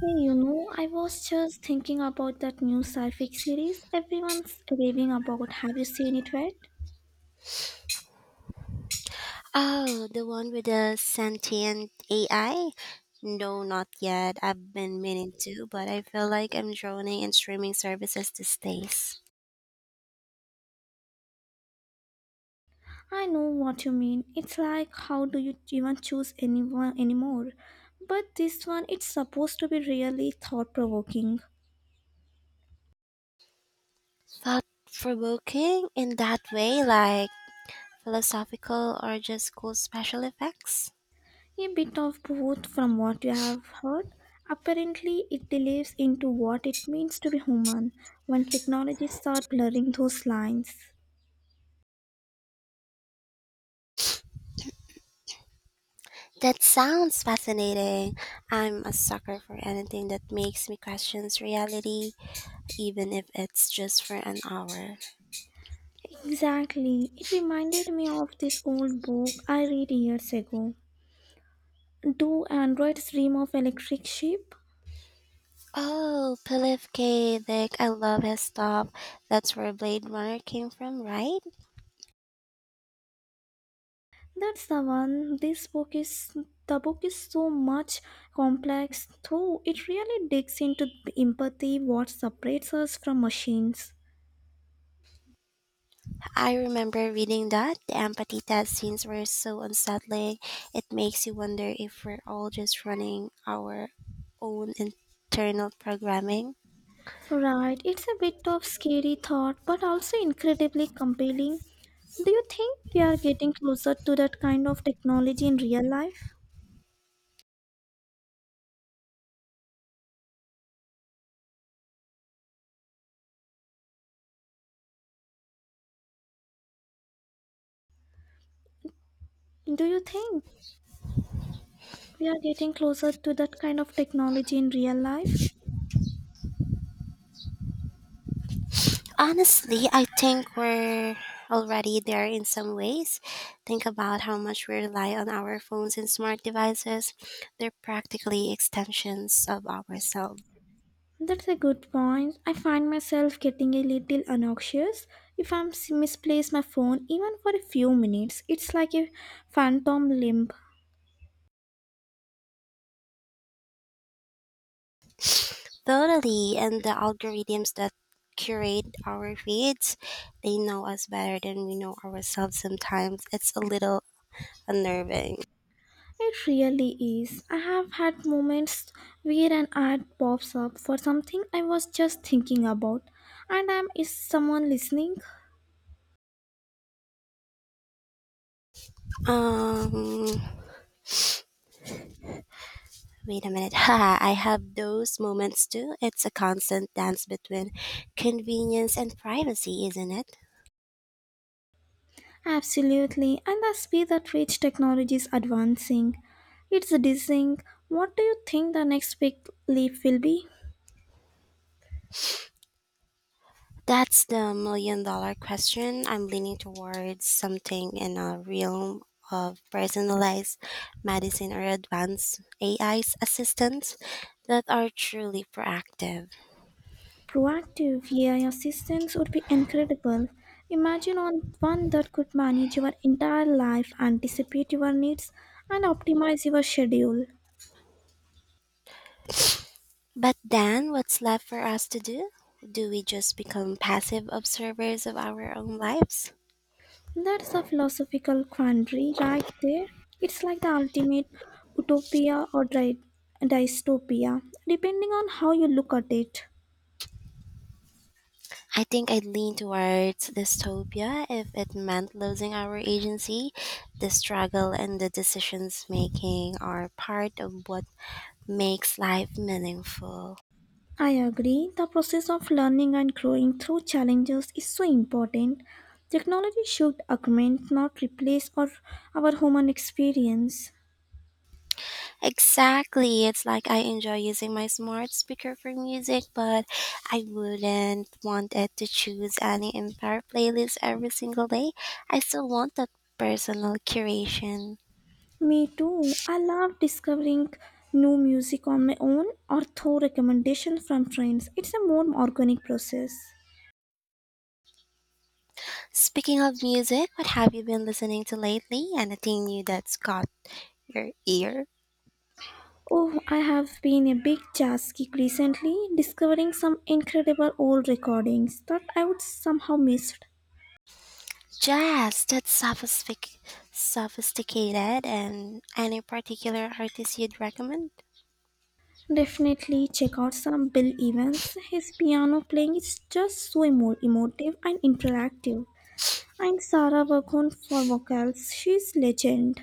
Hey, you know, I was just thinking about that new sci-fi series everyone's raving about. Have you seen it yet? Oh, the one with the sentient AI? No, not yet. I've been meaning to, but I feel like I'm drowning in streaming services these days. I know what you mean. It's like how do you even choose anyone anymore? But this one, it's supposed to be really thought-provoking. Thought provoking in that way, like philosophical or just cool special effects? A bit of both from what you have heard. Apparently, it delves into what it means to be human when technologies start blurring those lines. That sounds fascinating. I'm a sucker for anything that makes me question reality, even if it's just for an hour. Exactly. It reminded me of this old book I read years ago. Do androids dream of electric sheep? Oh, Philip K. Dick, I love his stuff. That's where Blade Runner came from, right? That's the one. This book is the book is so much complex though it really digs into the empathy what separates us from machines. I remember reading that. The empathy test scenes were so unsettling. It makes you wonder if we're all just running our own internal programming. Right, it's a bit of scary thought but also incredibly compelling. Do you think we are getting closer to that kind of technology in real life? Do you think? We are getting closer to that kind of technology in real life. Honestly, I think we're already there in some ways. Think about how much we rely on our phones and smart devices. They're practically extensions of ourselves. That's a good point. I find myself getting a little anxious if I am misplace my phone even for a few minutes. It's like a phantom limp. Totally, and the algorithms that curate our feeds, they know us better than we know ourselves sometimes. It's a little unnerving. It really is. I have had moments where an ad pops up for something I was just thinking about, and I'm is someone listening? Um, Wait a minute. Ha, I have those moments too. It's a constant dance between convenience and privacy, isn't it? Absolutely, and the speed at which technology is advancing, it's dizzying. What do you think the next big leap will be? That's the million-dollar question. I'm leaning towards something in a realm of personalized medicine or advanced AI's assistants that are truly proactive. Proactive AI assistance would be incredible. Imagine on one that could manage your entire life, anticipate your needs, and optimize your schedule. But then, what's left for us to do? Do we just become passive observers of our own lives? That's a philosophical quandary right there. It's like the ultimate utopia or dystopia, depending on how you look at it. I think I'd lean towards dystopia if it meant losing our agency. The struggle and the decisions making are part of what makes life meaningful. I agree. The process of learning and growing through challenges is so important. Technology should augment, not replace, or our human experience. Exactly. It's like I enjoy using my smart speaker for music, but I wouldn't want it to choose any entire playlist every single day. I still want that personal curation. Me too. I love discovering new music on my own or through recommendations from friends. It's a more organic process. Speaking of music, what have you been listening to lately? Anything new that's caught your ear? Oh, I have been a big jazz geek recently, discovering some incredible old recordings that I would somehow missed. Jazz, that's sophisticated, and any particular artist you'd recommend? Definitely check out some Bill Evans. His piano playing is just so emotive and interactive. And Sarah Vaughan for vocals. She's legend.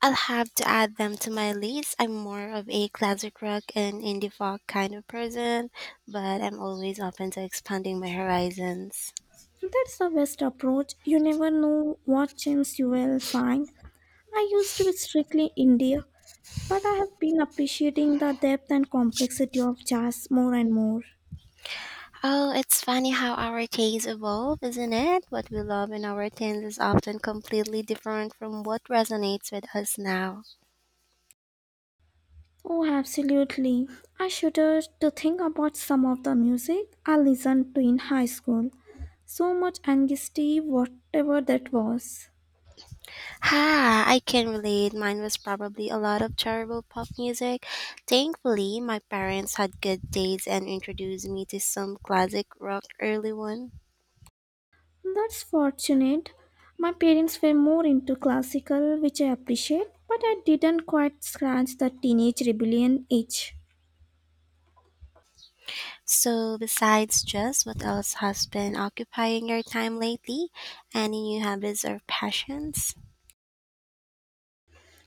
I'll have to add them to my list. I'm more of a classic rock and indie folk kind of person, but I'm always open to expanding my horizons. That's the best approach. You never know what gems you will find. I used to be strictly India, but I have been appreciating the depth and complexity of jazz more and more. Oh, it's funny how our tastes evolve, isn't it? What we love in our teens is often completely different from what resonates with us now. Oh, absolutely. I shudder to think about some of the music I listened to in high school. So much anxiety, whatever that was. Ha, I can relate. Mine was probably a lot of terrible pop music. Thankfully, my parents had good taste and introduced me to some classic rock early on. That's fortunate. My parents were more into classical, which I appreciate, but I didn't quite scratch the teenage rebellion itch. So, besides just what else has been occupying your time lately? Any new habits or passions?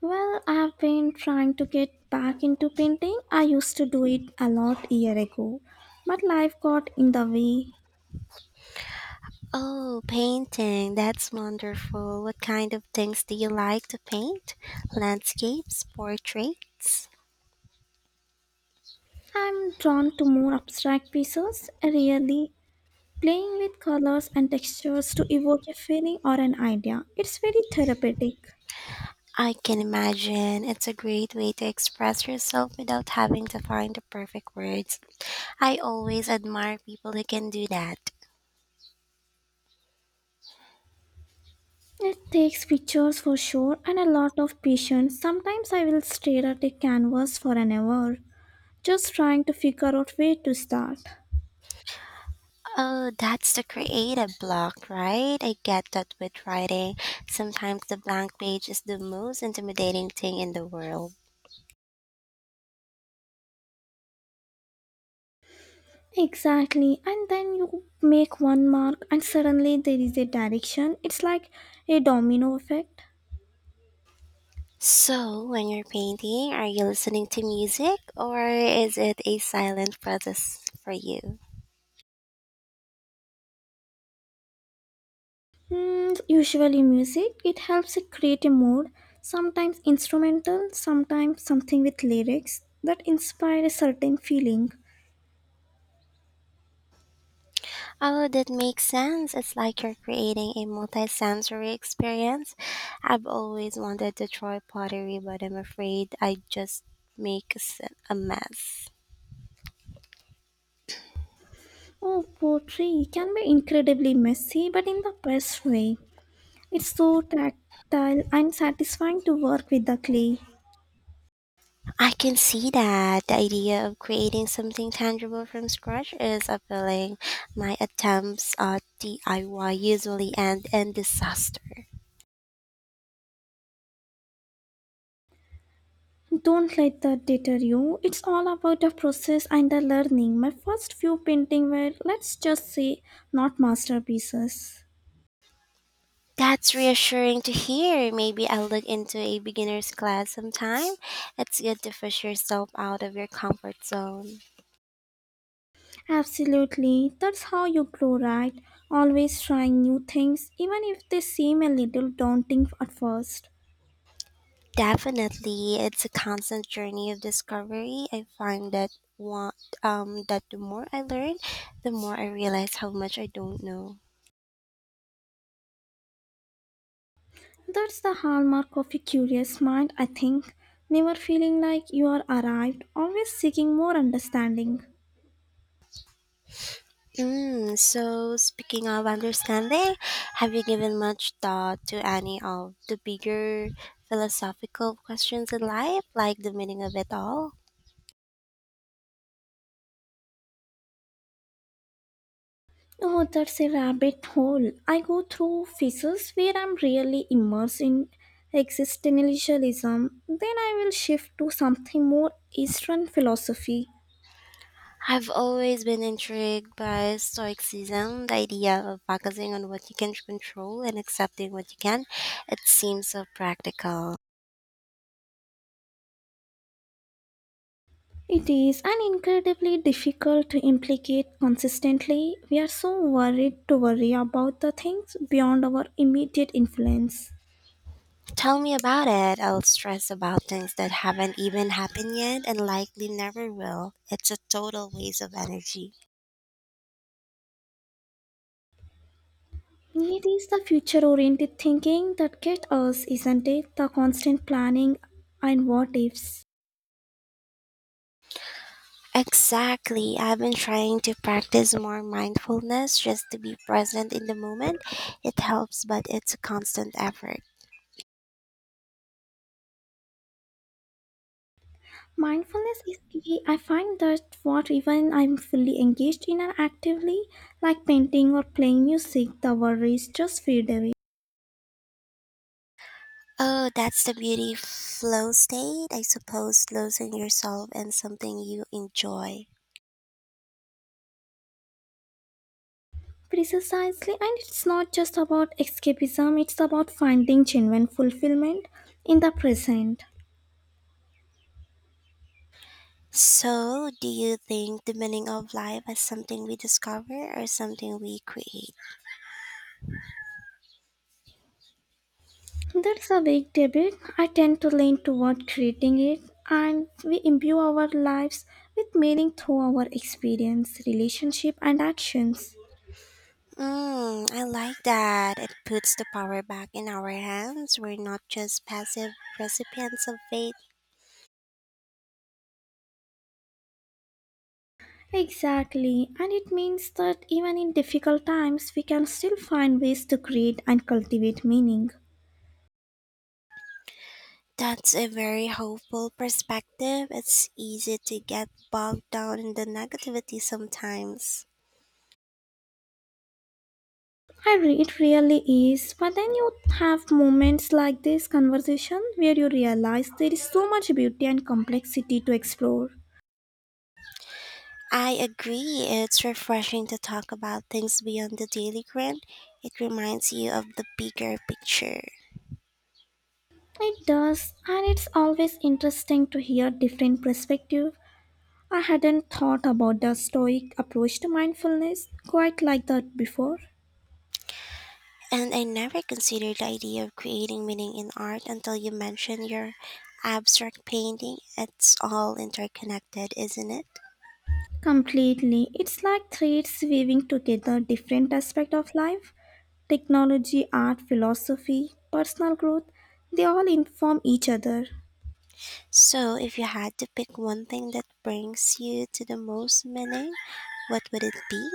Well, I've been trying to get back into painting. I used to do it a lot year ago, but life got in the way. Oh, painting. That's wonderful. What kind of things do you like to paint? Landscapes, portraits? I'm drawn to more abstract pieces, really playing with colors and textures to evoke a feeling or an idea. It's very therapeutic. I can imagine. It's a great way to express yourself without having to find the perfect words. I always admire people who can do that. It takes pictures for sure and a lot of patience. Sometimes I will stare at a canvas for an hour, just trying to figure out where to start. Oh, that's the creative block, right? I get that with writing. Sometimes the blank page is the most intimidating thing in the world. Exactly, and then you make one mark, and suddenly there is a direction. It's like a domino effect. So, when you're painting, are you listening to music or is it a silent process for you? Hmm, usually, music it helps it create a mood. Sometimes instrumental, sometimes something with lyrics that inspire a certain feeling. Oh, that makes sense. It's like you're creating a multisensory experience. I've always wanted to try pottery, but I'm afraid I just make a s- a mess. Oh, poetry can be incredibly messy, but in the best way. It's so tactile and satisfying to work with the clay. I can see that the idea of creating something tangible from scratch is appealing. My attempts at DIY usually end in disaster. Don't let that deter you. It's all about the process and the learning. My first few paintings were, let's just say, not masterpieces. That's reassuring to hear. Maybe I'll look into a beginner's class sometime. It's good to push yourself out of your comfort zone. Absolutely. That's how you grow, right? Always trying new things, even if they seem a little daunting at first. Definitely, it's a constant journey of discovery. I find that one, that the more I learn, the more I realize how much I don't know. That's the hallmark of a curious mind, I think. Never feeling like you are arrived, always seeking more understanding. Mm, so, speaking of understanding, have you given much thought to any of the bigger philosophical questions in life, like the meaning of it all? Oh, that's a rabbit hole. I go through phases where I'm really immersed in existentialism. Then I will shift to something more Eastern philosophy. I've always been intrigued by Stoicism, the idea of focusing on what you can control and accepting what you can. It seems so practical. It is an incredibly difficult to implicate consistently. We are so worried to worry about the things beyond our immediate influence. Tell me about it. I'll stress about things that haven't even happened yet and likely never will. It's a total waste of energy. It is the future oriented thinking that gets us, isn't it? The constant planning and what ifs. Exactly. I've been trying to practice more mindfulness just to be present in the moment. It helps, but it's a constant effort. Mindfulness is key. I find that what even I'm fully engaged in and actively, like painting or playing music, the worries just fade away. Oh, that's the beauty of flow state, I suppose, losing yourself in something you enjoy. Precisely, and it's not just about escapism, it's about finding genuine fulfillment in the present. So, do you think the meaning of life is something we discover or something we create? That's a big debate. I tend to lean toward creating it, and we imbue our lives with meaning through our experience, relationship, and actions. Mm, I like that. It puts the power back in our hands. We're not just passive recipients of fate. Exactly, and it means that even in difficult times, we can still find ways to create and cultivate meaning. That's a very hopeful perspective. It's easy to get bogged down in the negativity sometimes. It really is, but then you have moments like this conversation where you realize there is so much beauty and complexity to explore. I agree. It's refreshing to talk about things beyond the daily grind. It reminds you of the bigger picture. It does, and it's always interesting to hear different perspective. I hadn't thought about the stoic approach to mindfulness quite like that before. And I never considered the idea of creating meaning in art until you mentioned your abstract painting. It's all interconnected, isn't it? Completely. It's like threads weaving together different aspects of life technology, art, philosophy, personal growth. They all inform each other. So, if you had to pick one thing that brings you to the most meaning, what would it be?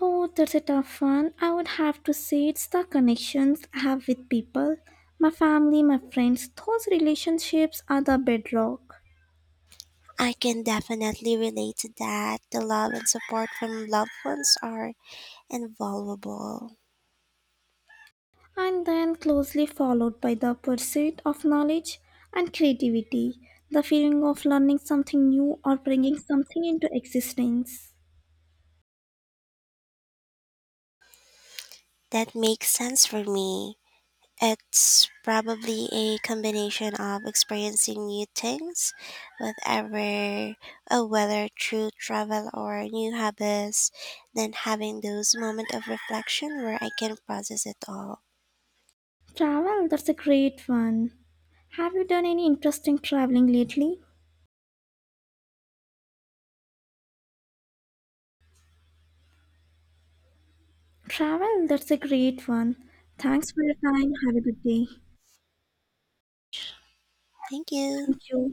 Oh, that's a tough one. I would have to say it's the connections I have with people. My family, my friends, those relationships are the bedrock. I can definitely relate to that. The love and support from loved ones are invaluable. And then closely followed by the pursuit of knowledge and creativity, the feeling of learning something new or bringing something into existence. That makes sense for me. It's probably a combination of experiencing new things, whatever, whether through travel or new hobbies, then having those moments of reflection where I can process it all. Travel, that's a great one. Have you done any interesting traveling lately? Travel, that's a great one. Thanks for your time. Have a good day. Thank you. Thank you.